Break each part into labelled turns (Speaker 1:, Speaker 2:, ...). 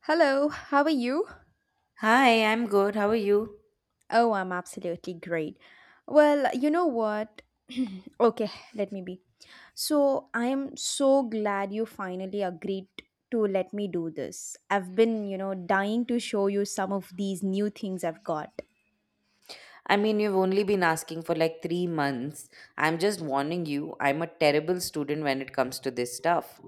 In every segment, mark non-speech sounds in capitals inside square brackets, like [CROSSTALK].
Speaker 1: Hello, how are you?
Speaker 2: Hi, I'm good. How are you?
Speaker 1: Oh, I'm absolutely great. Well, you know what? [CLEARS THROAT] okay, let me be. So, I am so glad you finally agreed to let me do this. I've been, dying to show you some of these new things I've got.
Speaker 2: I mean, you've only been asking for like 3 months. I'm just warning you, I'm a terrible student when it comes to this stuff.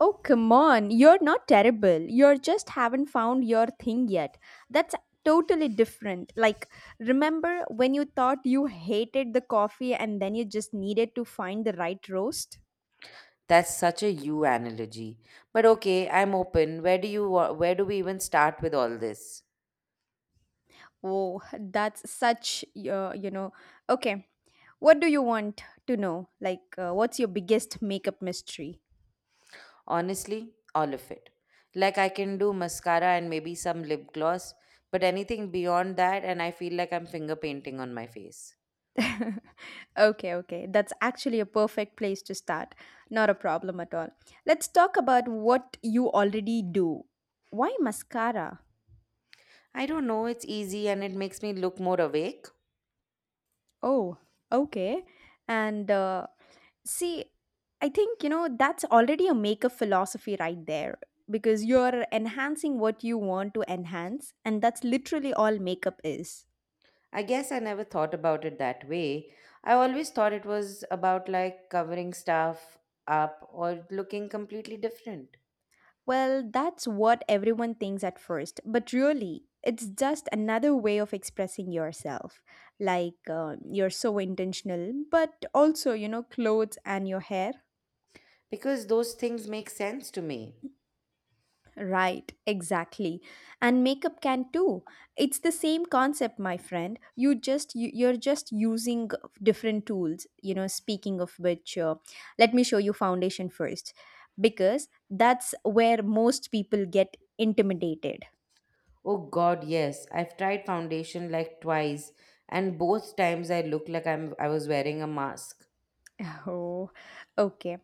Speaker 1: Oh, come on. You're not terrible. You just haven't found your thing yet. That's totally different. Like, remember when you thought you hated the coffee and then you just needed to find the right roast?
Speaker 2: That's such a you analogy. But okay, I'm open. Where do we even start with all this?
Speaker 1: Oh, that's such, Okay, what do you want to know? Like, what's your biggest makeup mystery?
Speaker 2: Honestly, all of it. Like I can do mascara and maybe some lip gloss, but anything beyond that and I feel like I'm finger painting on my face.
Speaker 1: [LAUGHS] okay, okay. That's actually a perfect place to start. Not a problem at all. Let's talk about what you already do. Why mascara?
Speaker 2: I don't know, it's easy and it makes me look more awake.
Speaker 1: Oh, okay. And See, I think, that's already a maker philosophy right there because you're enhancing what you want to enhance, and that's literally all makeup is.
Speaker 2: I guess I never thought about it that way. I always thought it was about like covering stuff up or looking completely different
Speaker 1: Well, that's what everyone thinks at first, but really, it's just another way of expressing yourself. Like, you're so intentional, but also, you know, clothes and your hair.
Speaker 2: because those things make sense to me.
Speaker 1: Right, exactly. And makeup can too. It's the same concept, my friend. You're just using different tools, speaking of which, let me show you foundation first because that's where most people get intimidated.
Speaker 2: Oh god, yes. I've tried foundation like twice and both times I look like I was wearing a mask.
Speaker 1: [LAUGHS] Oh, okay.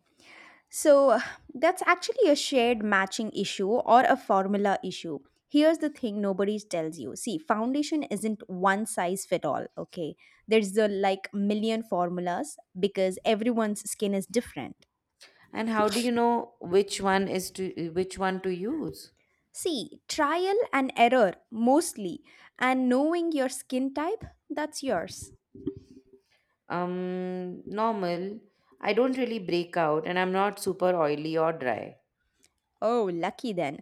Speaker 1: So that's actually a shared matching issue or a formula issue. Here's the thing nobody tells you. See, foundation isn't one size fit all, okay? There's the like million formulas because everyone's skin is different.
Speaker 2: And how do you know which one to use?
Speaker 1: See, trial and error mostly, and knowing your skin type, that's yours.
Speaker 2: Normal. I don't really break out and I'm not super oily or dry.
Speaker 1: Oh, lucky then.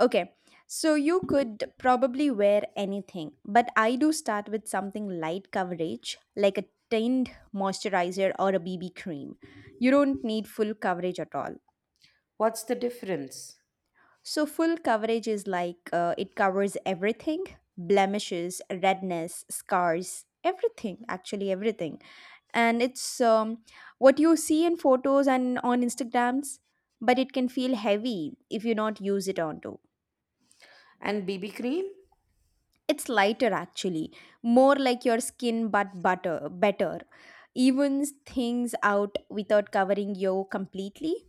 Speaker 1: Okay, so you could probably wear anything, but I do start with something light coverage, like a tinned moisturizer or a BB cream. You don't need full coverage at all.
Speaker 2: What's the difference?
Speaker 1: So, full coverage is like it covers everything, blemishes, redness, scars, everything, actually, everything. And it's what you see in photos and on Instagrams, but it can feel heavy if you not use it onto.
Speaker 2: And BB cream?
Speaker 1: It's lighter actually, more like your skin but butter better. Evens things out without covering you completely.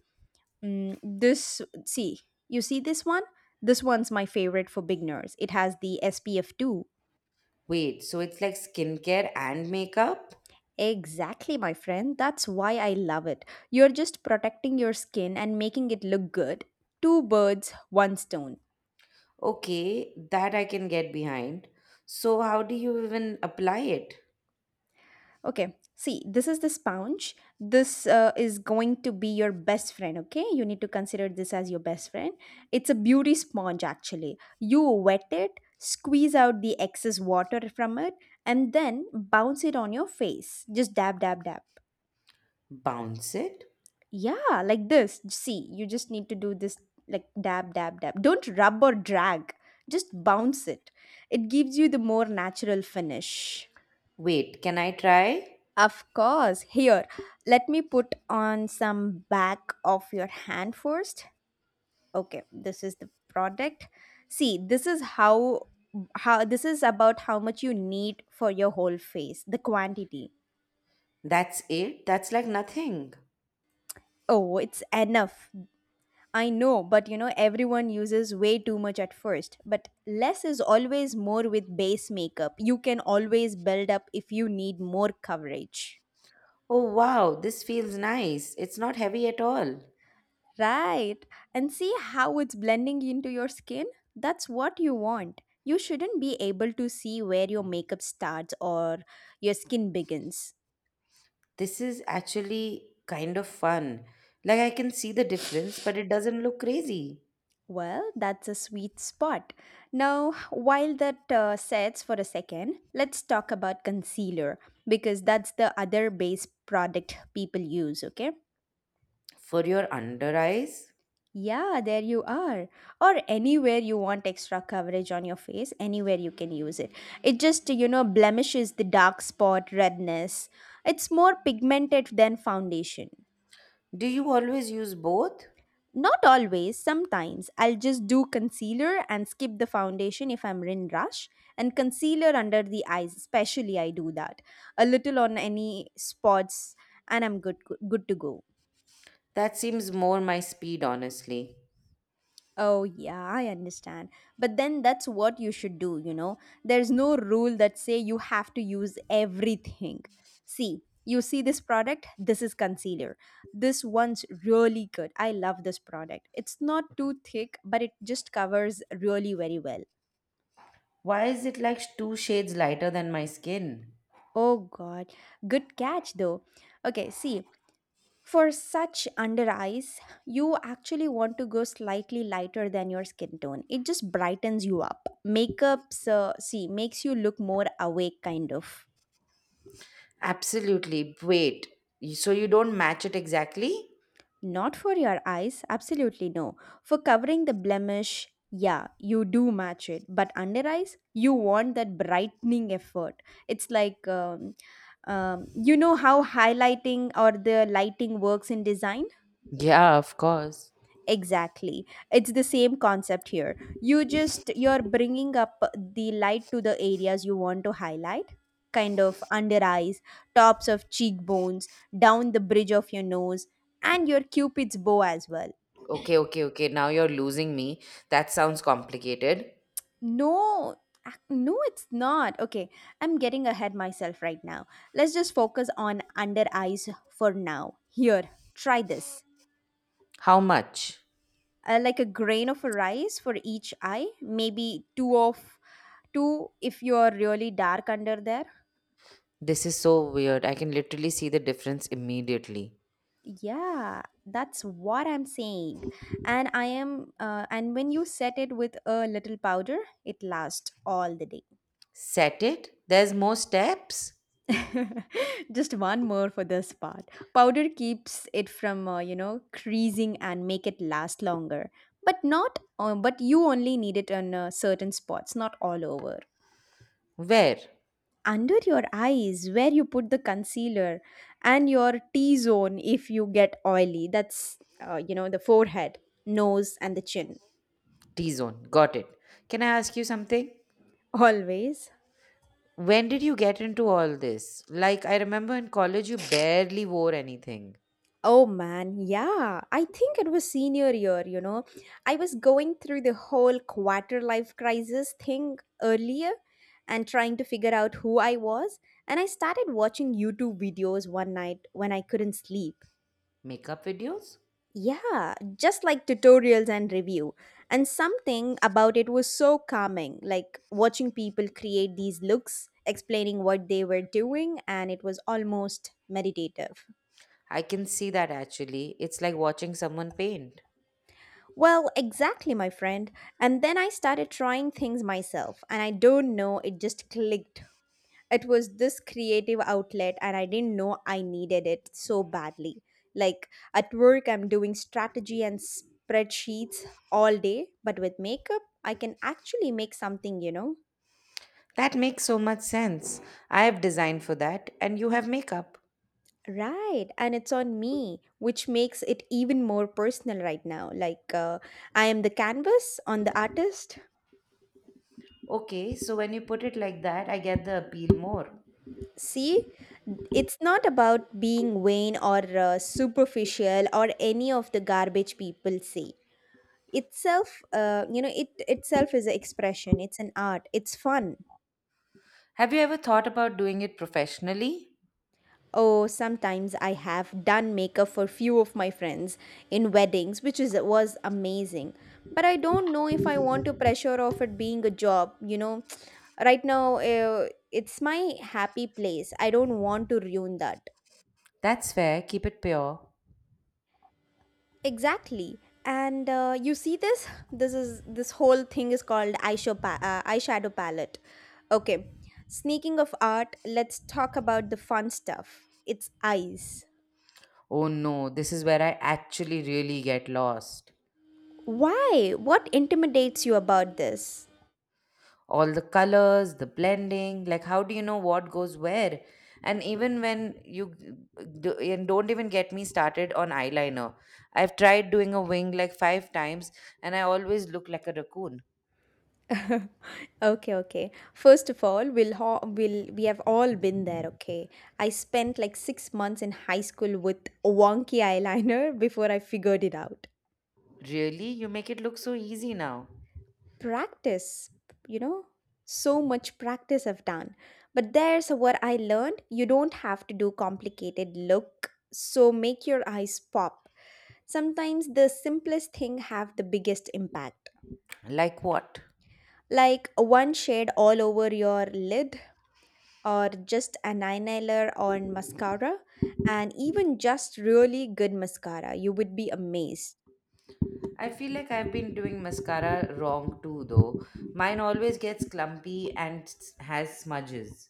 Speaker 1: Mm, this see, you see this one? This one's my favorite for beginners. It has the SPF 2.
Speaker 2: Wait, so it's like skincare and makeup?
Speaker 1: Exactly, my friend. That's why I love it. You're just protecting your skin and making it look good. Two birds, one stone.
Speaker 2: Okay, that I can get behind. So, how do you even apply it?
Speaker 1: Okay, see, this is the sponge. This is going to be your best friend, okay? You need to consider this as your best friend. It's a beauty sponge, actually. You wet it, squeeze out the excess water from it, and then bounce it on your face. Just dab, dab, dab.
Speaker 2: Bounce it?
Speaker 1: Yeah, like this. See, you just need to do this like dab, dab, dab. Don't rub or drag, just bounce it. It gives you the more natural finish.
Speaker 2: Wait, can I try?
Speaker 1: Of course. Here, let me put on some back of your hand first. Okay, this is the product. See, this is how this is about how much you need for your whole face, the quantity.
Speaker 2: That's it? That's like nothing.
Speaker 1: Oh, it's enough. I know, but everyone uses way too much at first. But less is always more with base makeup. You can always build up if you need more coverage.
Speaker 2: Oh wow, this feels nice. It's not heavy at all.
Speaker 1: Right. And see how it's blending into your skin? That's what you want. You shouldn't be able to see where your makeup starts or your skin begins.
Speaker 2: This is actually kind of fun. Like, I can see the difference, but it doesn't look crazy.
Speaker 1: Well, that's a sweet spot. Now, while that sets for a second, let's talk about concealer because that's the other base product people use, okay?
Speaker 2: For your under eyes?
Speaker 1: Yeah, there you are. Or anywhere you want extra coverage on your face, anywhere you can use it. It just, blemishes the dark spot, redness. It's more pigmented than foundation.
Speaker 2: Do you always use both?
Speaker 1: Not always, sometimes. I'll just do concealer and skip the foundation if I'm in rush. And concealer under the eyes, especially I do that. A little on any spots and I'm good to go.
Speaker 2: That seems more my speed, honestly.
Speaker 1: Oh, yeah, I understand. But then that's what you should do, you know. There's no rule that say you have to use everything. See, you see this product, this is concealer. This one's really good. I love this product. It's not too thick, but it just covers really very well.
Speaker 2: Why is it like two shades lighter than my skin?
Speaker 1: Oh god. Good catch though. Okay, see, for such under eyes, you actually want to go slightly lighter than your skin tone. It just brightens you up. Makeups, makes you look more awake, kind of.
Speaker 2: Absolutely. Wait. So you don't match it exactly?
Speaker 1: Not for your eyes, absolutely no. For covering the blemish, yeah, you do match it. But under eyes, you want that brightening effort. It's like, you know how highlighting or the lighting works in design?
Speaker 2: Yeah, of course.
Speaker 1: Exactly. It's the same concept here. You're bringing up the light to the areas you want to highlight, kind of under eyes, tops of cheekbones, down the bridge of your nose, and your cupid's bow as well.
Speaker 2: Okay, okay, okay. Now you're losing me. That sounds complicated.
Speaker 1: No, no, it's not. Okay, I'm getting ahead myself right now. Let's just focus on under eyes for now. Here, try this.
Speaker 2: How much?
Speaker 1: Like a grain of rice for each eye, maybe two if you're really dark under there.
Speaker 2: This is so weird. I can literally see the difference immediately.
Speaker 1: Yeah, that's what I'm saying. And I am and when you set it with a little powder, it lasts all the day.
Speaker 2: Set it? There's more steps?
Speaker 1: [LAUGHS] Just one more for this part. Powder keeps it from creasing and make it last longer, but not but you only need it on certain spots, not all over.
Speaker 2: Where?
Speaker 1: Under your eyes where you put the concealer, and your T zone if you get oily. That's, the forehead, nose, and the chin.
Speaker 2: T zone. Got it. Can I ask you something?
Speaker 1: Always.
Speaker 2: When did you get into all this? Like, I remember in college you barely wore anything.
Speaker 1: Oh man, yeah. I think it was senior year, you know. I was going through the whole quarter life crisis thing earlier and trying to figure out who I was. And I started watching YouTube videos one night when I couldn't sleep.
Speaker 2: Makeup videos?
Speaker 1: Yeah, just like tutorials and review. And something about it was so calming, like watching people create these looks, explaining what they were doing, and it was almost meditative.
Speaker 2: I can see that actually. It's like watching someone paint.
Speaker 1: Well, exactly, my friend. And then I started trying things myself, and I don't know, it just clicked. It was this creative outlet and I didn't know I needed it so badly. Like, at work I'm doing strategy and spreadsheets all day, but with makeup I can actually make something, you know.
Speaker 2: That makes so much sense. I have designed for that, and you have makeup.
Speaker 1: Right, and it's on me, which makes it even more personal right now. Like I am the canvas on the artist.
Speaker 2: Okay, so when you put it like that, I get the appeal more.
Speaker 1: See, it's not about being vain or superficial or any of the garbage people say. Itself, it itself is an expression, it's an art, it's fun.
Speaker 2: Have you ever thought about doing it professionally?
Speaker 1: Oh, sometimes I have done makeup for few of my friends in weddings, which is was amazing. But I don't know if I want to pressure of it being a job, you know. [TSK] right now it's my happy place, I don't want to ruin that.
Speaker 2: That's fair, keep it pure.
Speaker 1: Exactly. And you see this? [LAUGHS] This whole thing is called eyeshadow, eyeshadow palette. Okay. Sneaking of art, let's talk about the fun stuff. It's eyes.
Speaker 2: Oh no, this is where I actually really get lost.
Speaker 1: Why? What intimidates you about this?
Speaker 2: All the colors, the blending, like how do you know what goes where? And even do, and don't even get me started on eyeliner. I've tried doing a wing like five times and I always look like a raccoon.
Speaker 1: [LAUGHS] okay, okay. First of all, we'll ho- we'll we have all been there. Okay, I spent like 6 months in high school with wonky eyeliner [LAUGHS] before I figured it out.
Speaker 2: Really? You make it look so easy now.
Speaker 1: Practice, you know, so much practice I've done. But there's what I learned, you don't have to do complicated look so make your eyes pop. Sometimes the simplest thing have the biggest impact.
Speaker 2: Like what?
Speaker 1: Like one shade all over your lid, or just an eyeliner on mascara, and even just really good mascara you would be amazed.
Speaker 2: I feel like I've been doing mascara wrong too though. Mine always gets clumpy and has smudges.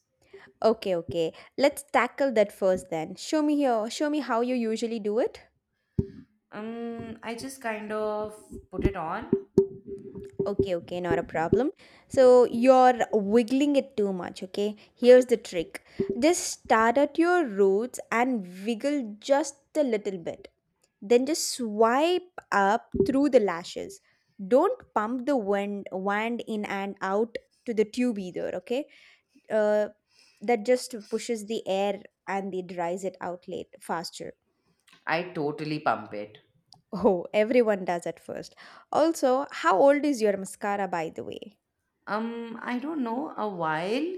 Speaker 1: Okay, okay, let's tackle that first. Then show me, here, show me how you usually do it.
Speaker 2: I just kind of put it on.
Speaker 1: Okay, okay, not a problem. So you're wiggling it too much, okay? Here's the trick, just start at your roots and wiggle just a little bit. Then just swipe up through the lashes. Don't pump the wand in and out to the tube either, okay? Uh, that just pushes the air and it dries it out late faster. [LAUGHS]
Speaker 2: I totally pump it.
Speaker 1: Oh, everyone does at first. Also, how old is your mascara, by the way?
Speaker 2: I don't know, a while?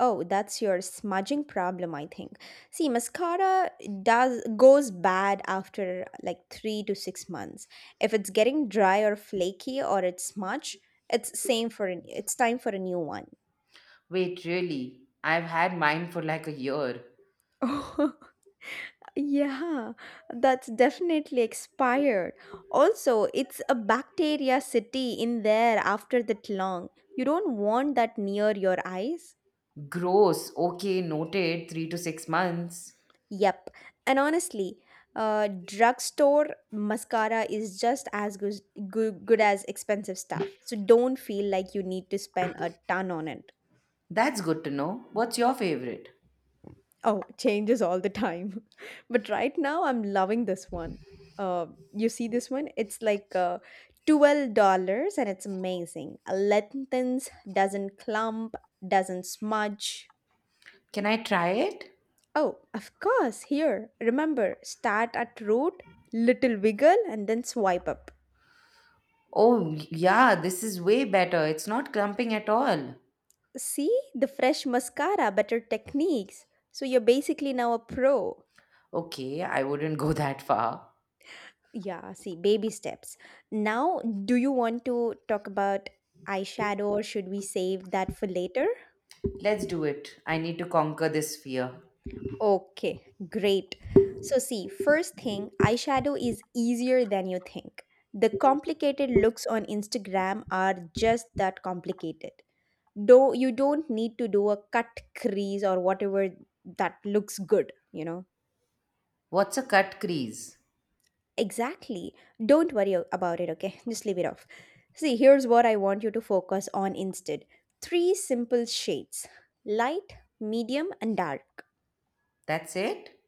Speaker 1: Oh, that's your smudging problem, I think. See, mascara does goes bad after like 3 to 6 months. If it's getting dry or flaky or it's smudge, it's same for an, it's time for a new one.
Speaker 2: Wait, really? I've had mine for like a year.
Speaker 1: Oh, [LAUGHS] yeah, that's definitely expired. Also, it's a bacteria city in there after that long. You don't want that near your eyes.
Speaker 2: Gross. Okay, noted. 3 to 6 months.
Speaker 1: Yep. And honestly, drugstore mascara is just as good as expensive stuff. So don't feel like you need to spend a ton on it.
Speaker 2: That's good to know. What's your favorite?
Speaker 1: Oh, changes all the time. [LAUGHS] But right now, I'm loving this one. You see this one? It's like $12 and it's amazing. Lengthens, doesn't clump, doesn't smudge.
Speaker 2: Can I try it?
Speaker 1: Oh, of course, here. Remember, start at root, little wiggle, and then swipe up.
Speaker 2: Oh, yeah, this is way better. It's not clumping at all.
Speaker 1: See, the fresh mascara, better techniques. So you're basically now a pro.
Speaker 2: Okay, I wouldn't [LAUGHS] go that far.
Speaker 1: Yeah, see, baby steps. Now, do you want to talk about eyeshadow or should we save that for later?
Speaker 2: Let's do it. I need to conquer this fear.
Speaker 1: Okay, great. So, see, first thing, eyeshadow is easier than you think. The complicated looks on Instagram are just that complicated. Though you don't need to do a cut crease or whatever that looks good,
Speaker 2: What's a cut crease?
Speaker 1: Exactly. Don't worry about it, okay? [LAUGHS] Just leave it off. See, here's what I want you to focus on instead: three simple shades, light, medium, and dark.
Speaker 2: That's it?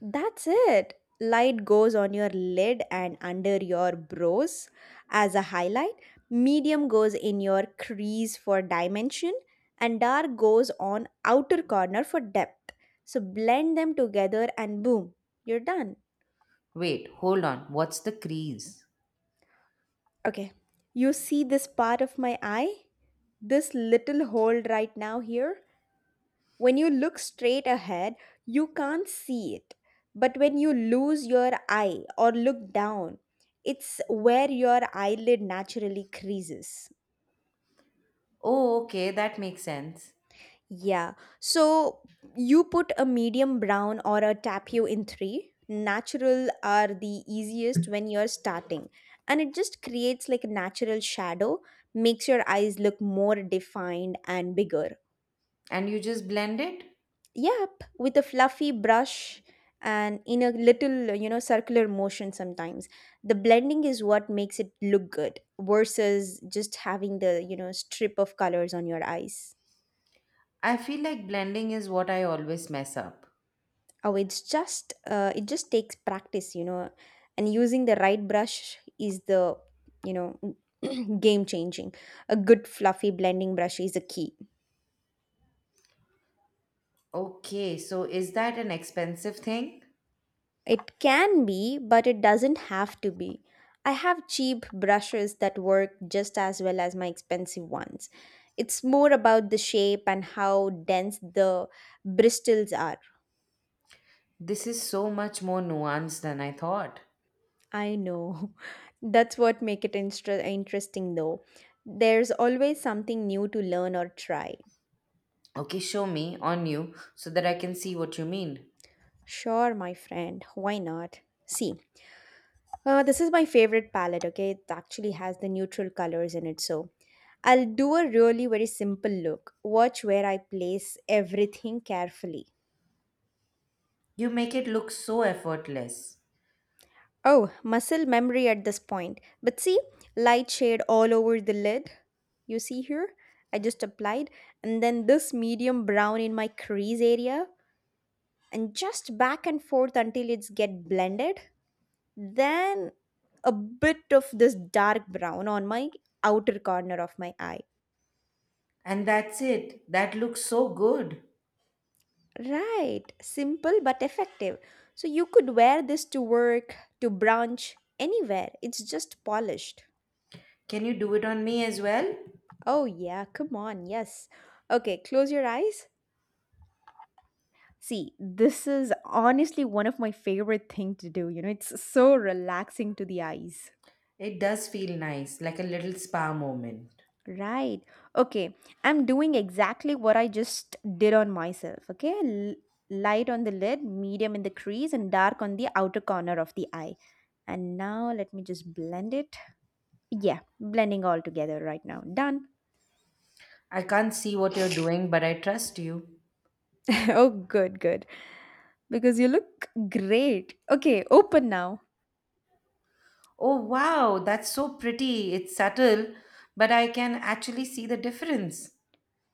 Speaker 1: That's it. Light goes on your lid and under your brows as a highlight, medium goes in your crease for dimension, and dark goes on outer corner for depth. So blend them together and boom, you're done.
Speaker 2: Wait, hold on. What's the crease?
Speaker 1: Okay. You see this part of my eye? This little hole right now here. When you look straight ahead, you can't see it. But when you lose your eye or look down, it's where your eyelid naturally creases.
Speaker 2: Oh, okay, that makes sense.
Speaker 1: Yeah. So you put a medium brown or a tapio in three. Natural are the easiest when you're starting. And it just creates like a natural shadow, makes your eyes look more defined and bigger.
Speaker 2: And you just blend it?
Speaker 1: Yep, with a fluffy brush and in a little, you know, circular motion sometimes. The blending is what makes it look good versus just having the, you know, strip of colors on your eyes.
Speaker 2: I feel like blending is what I always mess up.
Speaker 1: Oh, it's just, it just takes practice, you know, and using the right brush is the, you know, [CLEARS THROAT] game changing. A good fluffy blending brush is a key.
Speaker 2: Okay, so is that an expensive thing?
Speaker 1: It can be, but it doesn't have to be. I have cheap brushes that work just as well as my expensive ones. It's more about the shape and how dense the bristles are.
Speaker 2: This is so much more nuanced than I thought.
Speaker 1: I know. [LAUGHS] That's what make it interesting though. There's always something new to learn or try.
Speaker 2: Okay, show me on you so that I can see what you mean.
Speaker 1: Sure, my friend. Why not? See, this is my favorite palette, okay? It actually has the neutral colors in it, so I'll do a really very simple look. Watch where I place everything carefully.
Speaker 2: You make it look so effortless.
Speaker 1: Oh, muscle memory at this point. But see, light shade all over the lid. You see here? I just applied. And then this medium brown in my crease area. And just back and forth until it's get blended. Then a bit of this dark brown on my outer corner of my eye.
Speaker 2: And that's it. That looks so good.
Speaker 1: Right, simple but effective. So you could wear this to work, to brunch, anywhere. It's just polished.
Speaker 2: Can you do it on me as well?
Speaker 1: Oh, yeah, come on, yes. Okay, close your eyes. See, this is honestly one of my favorite thing to do. You know, it's so relaxing to the eyes.
Speaker 2: It does feel nice, like a little spa moment.
Speaker 1: Right. Okay, I'm doing exactly what I just did on myself. Okay, light on the lid, medium in the crease, and dark on the outer corner of the eye. And now let me just blend it. Yeah, blending all together right now. Done.
Speaker 2: I can't see what you're doing, but I trust you.
Speaker 1: [LAUGHS] Oh, good. Because you look great. Okay, open now.
Speaker 2: Oh, wow, that's so pretty. It's subtle, but I can actually see the difference.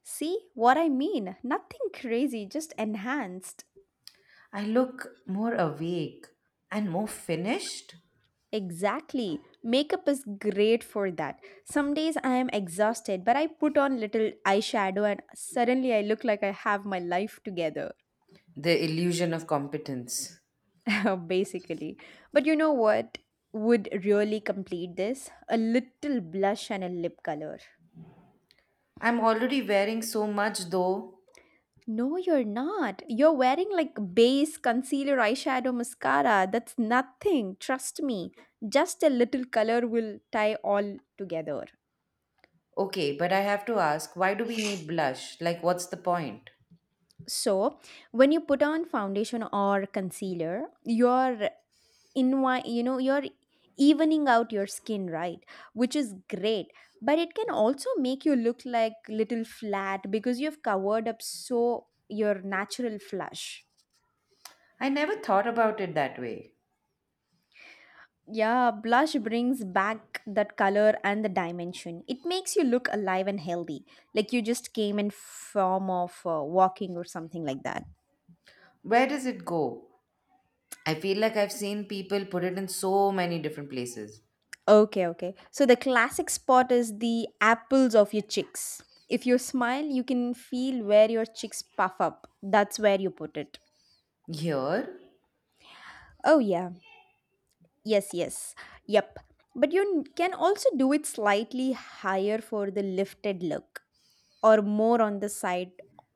Speaker 1: See what I mean? Nothing crazy, just enhanced.
Speaker 2: I look more awake and more finished.
Speaker 1: Exactly. Makeup is great for that. Some days I am exhausted, but I put on little eyeshadow and suddenly I look like I have my life together,
Speaker 2: The illusion of competence.
Speaker 1: [LAUGHS] basically. But you know what would really complete this? A little blush and a lip color.
Speaker 2: I'm already wearing so much, though.
Speaker 1: No, you're not. You're wearing like base, concealer, eyeshadow, mascara. That's nothing. Trust me. Just a little color will tie all together.
Speaker 2: Okay, but I have to ask, why do we need blush? Like, what's the point?
Speaker 1: So, when you put on foundation or concealer, you're in, you know, you're evening out your skin, right? Which is great. But it can also make you look like little flat because you've covered up so your natural flush.
Speaker 2: I never thought about it that way.
Speaker 1: Yeah, blush brings back that color and the dimension. It makes you look alive and healthy, like you just came in form of walking or something like that.
Speaker 2: Where does it go? I feel like I've seen people put it in so many different places.
Speaker 1: Okay, okay. So the classic spot is the apples of your cheeks. If you smile, you can feel where your cheeks puff up. That's where you put it.
Speaker 2: Here?
Speaker 1: Oh yeah. Yes, yes. Yep. But you can also do it slightly higher for the lifted look, or more on the side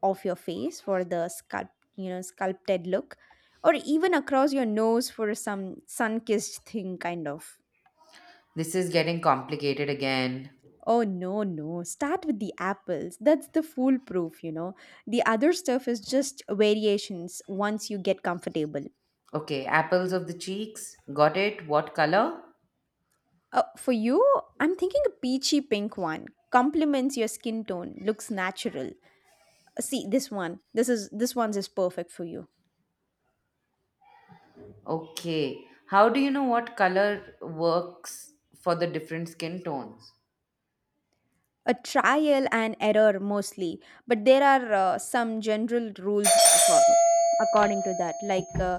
Speaker 1: of your face for the sculpt, you know, sculpted look, or even across your nose for some sun-kissed thing kind of.
Speaker 2: This is getting complicated again.
Speaker 1: Oh, no, start with the apples, that's the foolproof, you know. The other stuff is just variations once you get comfortable.
Speaker 2: Okay, apples of the cheeks. Got it. What color?
Speaker 1: For you, I'm thinking a peachy pink one, complements your skin tone, looks natural. See this one, this is, this one's is perfect for you.
Speaker 2: Okay. How do you know what color works for the different skin tones?
Speaker 1: A trial and error mostly, but there are some general rules according to that, like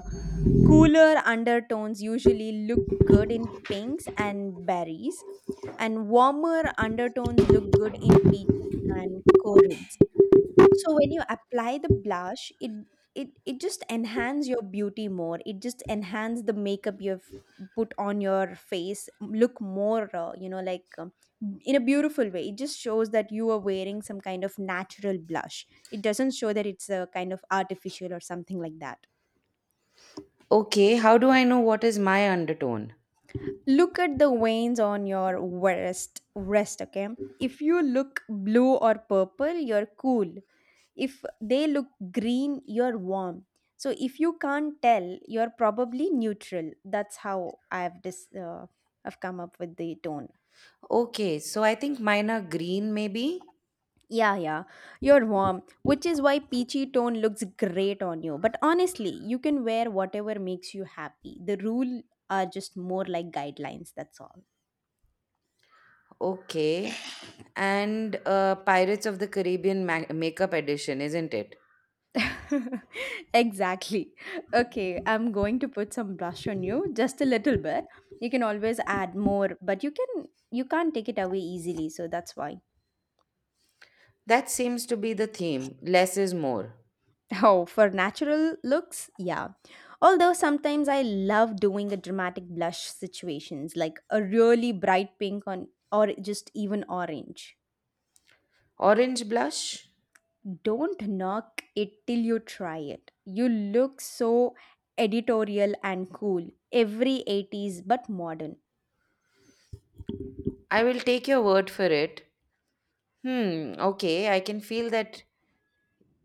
Speaker 1: cooler undertones usually look good in pinks and berries, and warmer undertones look good in peaches and corals. So when you apply the blush, it just enhance your beauty more. It just enhance the makeup you've put on your face, look more you know, like in a beautiful way. It just shows that you are wearing some kind of natural blush, it doesn't show that it's a kind of artificial or something like that.
Speaker 2: Okay, how do I know what is my undertone?
Speaker 1: Look at the veins on your wrist, okay? If you look blue or purple, you're cool. If they look green, you're warm. So if you can't tell, you're probably neutral. That's how I've come up with the tone.
Speaker 2: Okay, so I think mine are green, maybe.
Speaker 1: Yeah, yeah, you're warm, which is why peachy tone looks great on you. But honestly, you can wear whatever makes you happy. The rule are just more like guidelines, that's all.
Speaker 2: Okay. And Pirates of the Caribbean makeup edition, isn't it?
Speaker 1: [LAUGHS] Exactly. Okay, I'm going to put some blush on you, just a little bit. You can always add more, but you can't take it away easily, so that's why. [LAUGHS]
Speaker 2: That seems to be the theme. Less is more.
Speaker 1: Oh, for natural looks, yeah. Although sometimes I love doing the dramatic blush situations, like a really bright pink on or just even orange.
Speaker 2: Orange blush?
Speaker 1: Don't knock it till you try it. You look so editorial and cool, every 80s but modern.
Speaker 2: I will take your word for it. Hmm, okay, I can feel that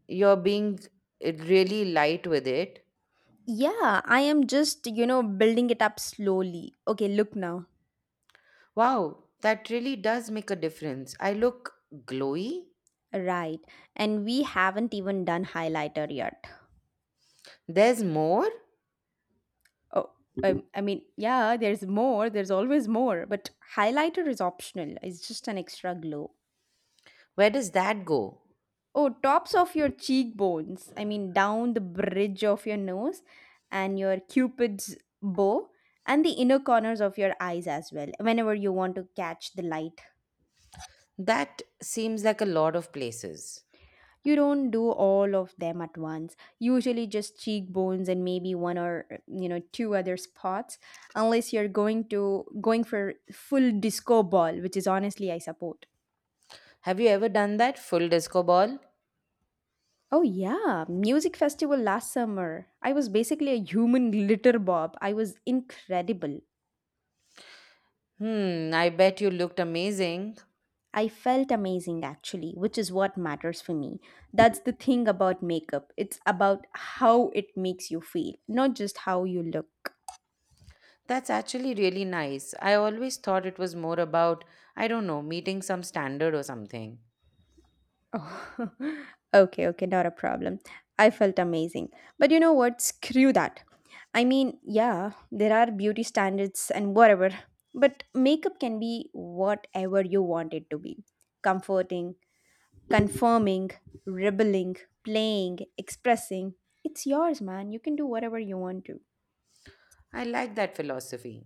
Speaker 2: you're being really light with it.
Speaker 1: Yeah, I am just, you know, building it up slowly. Okay, look now.
Speaker 2: Wow, that really does make a difference. I look glowy.
Speaker 1: Right. And we haven't even done highlighter yet.
Speaker 2: There's more?
Speaker 1: Oh, I mean, yeah, there's more. There's always more. But highlighter is optional, it's just an extra glow.
Speaker 2: Where does that go?
Speaker 1: Oh, tops of your cheekbones. I mean, down the bridge of your nose and your cupid's bow and the inner corners of your eyes as well, whenever you want to catch the light.
Speaker 2: That seems like a lot of places.
Speaker 1: You don't do all of them at once. Usually just cheekbones and maybe one or, you know, two other spots, unless you're going for full disco ball, which is honestly I support.
Speaker 2: Have you ever done that full disco ball?
Speaker 1: Oh yeah, music festival last summer. I was basically a human glitter bob. I was incredible.
Speaker 2: Hmm, I bet you looked amazing.
Speaker 1: I felt amazing actually, which is what matters for me. That's the thing about makeup. It's about how it makes you feel, not just how you look.
Speaker 2: That's actually really nice. I always thought it was more about, I don't know, meeting some standard or something.
Speaker 1: Oh, [LAUGHS] okay, okay, not a problem. I felt amazing. But you know what? Screw that. I mean, yeah, there are beauty standards and whatever, but makeup can be whatever you want it to be: comforting, confirming, rebelling, playing, expressing. It's yours, man. You can do whatever you want to.
Speaker 2: I like that philosophy.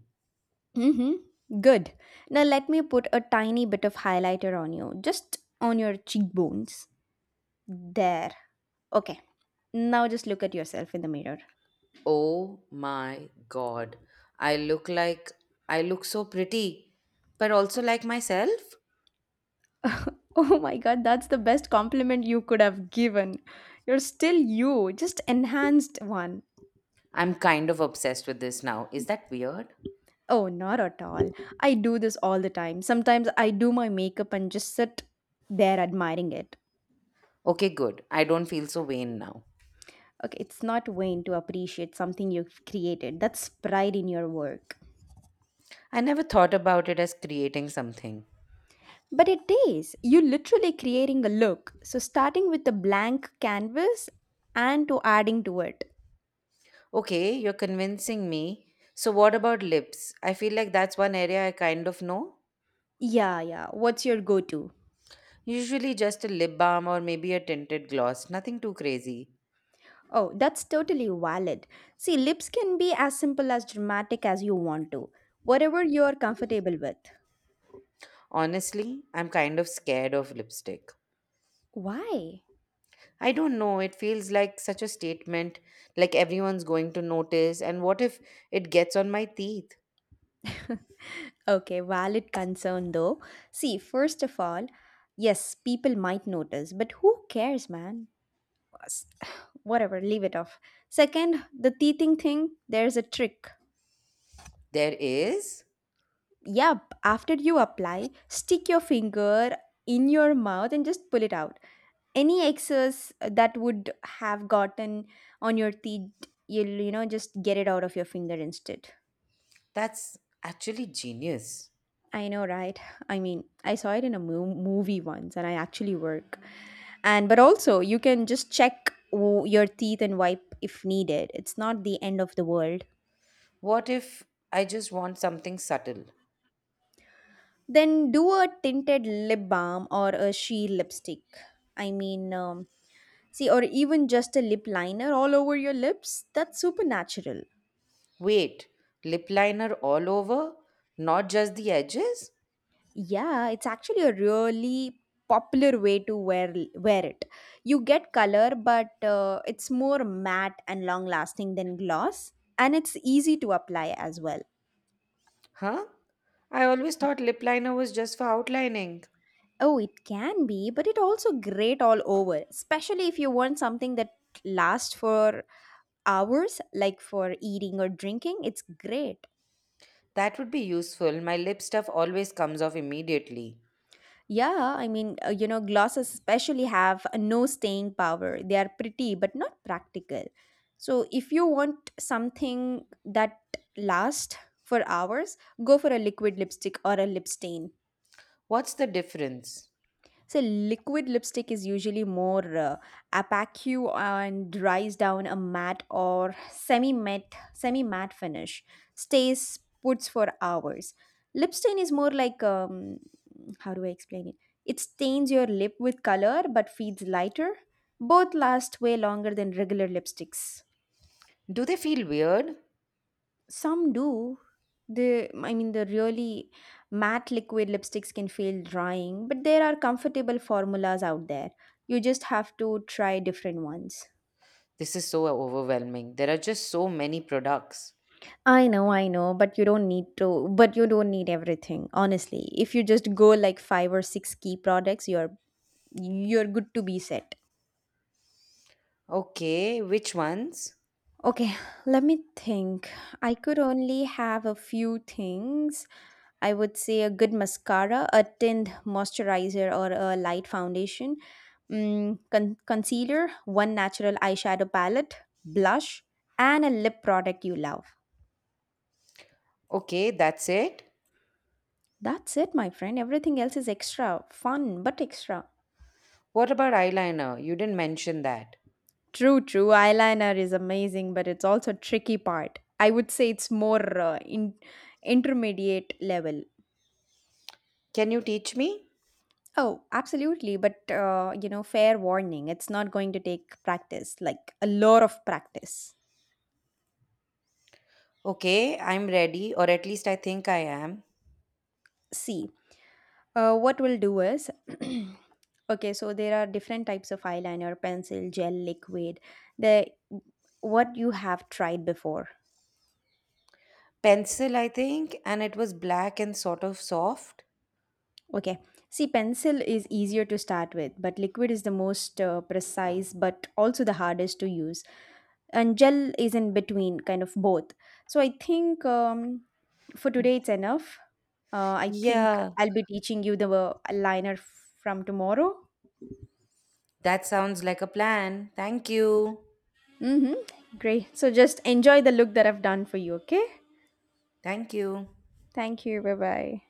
Speaker 1: Mm-hmm. Good. Now let me put a tiny bit of highlighter on you, just on your cheekbones. There. Okay. Now just look at yourself in the mirror.
Speaker 2: Oh my god. I look like I look so pretty, but also like myself.
Speaker 1: [LAUGHS] Oh my god, that's the best compliment you could have given. You're still you, just enhanced one.
Speaker 2: I'm kind of obsessed with this now. Is that weird?
Speaker 1: Oh, not at all. I do this all the time. Sometimes I do my makeup and just sit there admiring it.
Speaker 2: Okay, good. I don't feel so vain now.
Speaker 1: Okay, it's not vain to appreciate something you've created. That's pride in your work.
Speaker 2: I never thought about it as creating something.
Speaker 1: But it is. You're literally creating a look. So starting with a blank canvas and to adding to it.
Speaker 2: Okay, you're convincing me. So, what about lips? I feel like that's one area I kind of know.
Speaker 1: Yeah, yeah. What's your go to?
Speaker 2: Usually, just a lip balm or maybe a tinted gloss, nothing too crazy.
Speaker 1: Oh, that's totally valid. See, lips can be as simple as dramatic as you want to, whatever you're comfortable with.
Speaker 2: Honestly, I'm kind of scared of lipstick.
Speaker 1: Why?
Speaker 2: I don't know. It feels like such a statement, like everyone's going to notice. And what if it gets on my teeth?
Speaker 1: [LAUGHS] Okay, valid concern though. See, first of all, yes, people might notice, but who cares, man? S- [SIGHS] Whatever, leave it off. Second, the teething thing, there's a trick.
Speaker 2: There is?
Speaker 1: Yep, after you apply, stick your finger in your mouth and just pull it out. Any excess that would have gotten on your teeth, you'll, you know, just get it out of your finger instead.
Speaker 2: That's actually genius.
Speaker 1: I know, right? I mean, I saw it in a movie once and I actually work. And but also you can just check your teeth and wipe if needed. It's not the end of the world.
Speaker 2: What if I just want something subtle?
Speaker 1: Then do a tinted lip balm or a sheer lipstick, I mean, see, or even just a lip liner all over your lips, that's super natural.
Speaker 2: Wait, lip liner all over? Not just the edges?
Speaker 1: Yeah, it's actually a really popular way to wear it. You get color, but it's more matte and long lasting than gloss, and it's easy to apply as well.
Speaker 2: Huh? I always thought lip liner was just for outlining.
Speaker 1: Oh, it can be, but it also great all over, especially if you want something that lasts for hours, like for eating or drinking. It's great.
Speaker 2: That would be useful. My lip stuff always comes off immediately.
Speaker 1: Yeah, I mean, you know, glosses especially have a no staying power. They are pretty but not practical. So, if you want something that lasts for hours, go for a liquid lipstick or a lip stain.
Speaker 2: What's the difference?
Speaker 1: So, liquid lipstick is usually more opaque and dries down a matte or semi matte finish. Stays puts for hours. Lip stain is more like how do I explain it? It stains your lip with color but feels lighter. Both last way longer than regular lipsticks.
Speaker 2: Do they feel weird?
Speaker 1: Some do. The I mean the really matte liquid lipsticks can feel drying, but there are comfortable formulas out there. You just have to try different ones.
Speaker 2: This is so overwhelming. There are just so many products.
Speaker 1: I know, but you don't need everything. Honestly, if you just go like five or six key products, you're good to be set.
Speaker 2: Okay, which ones?
Speaker 1: Okay, let me think. I could only have a few things. I would say a good mascara, a tint moisturizer, or a light foundation, mm, concealer, one natural eyeshadow palette, blush, and a lip product you love.
Speaker 2: Okay, that's it.
Speaker 1: That's it, my friend. Everything else is extra. Fun, but extra.
Speaker 2: What about eyeliner? You didn't mention that.
Speaker 1: True, true. Eyeliner is amazing, but it's also tricky part. I would say it's more intermediate level.
Speaker 2: Can you teach me?
Speaker 1: Oh, absolutely. But, you know, fair warning, it's not going to take practice, like a lot of practice.
Speaker 2: Okay, I'm ready, or at least I think I am.
Speaker 1: See, what we'll do is [CLEARS THROAT] okay, so there are different types of eyeliner, pencil, gel, liquid, the what you have tried before.
Speaker 2: Pencil, I think, and it was black and sort of soft.
Speaker 1: Okay, see, pencil is easier to start with, but liquid is the most precise but also the hardest to use. And gel is in between, kind of both. So I think. For today, it's enough. I think
Speaker 2: Yeah,
Speaker 1: I'll be teaching you the liner from tomorrow.
Speaker 2: that sounds like a plan. Thank you.
Speaker 1: Mm-hmm. Great. So just enjoy the look that I've done for you, okay?
Speaker 2: Thank you.
Speaker 1: Thank you. Bye bye.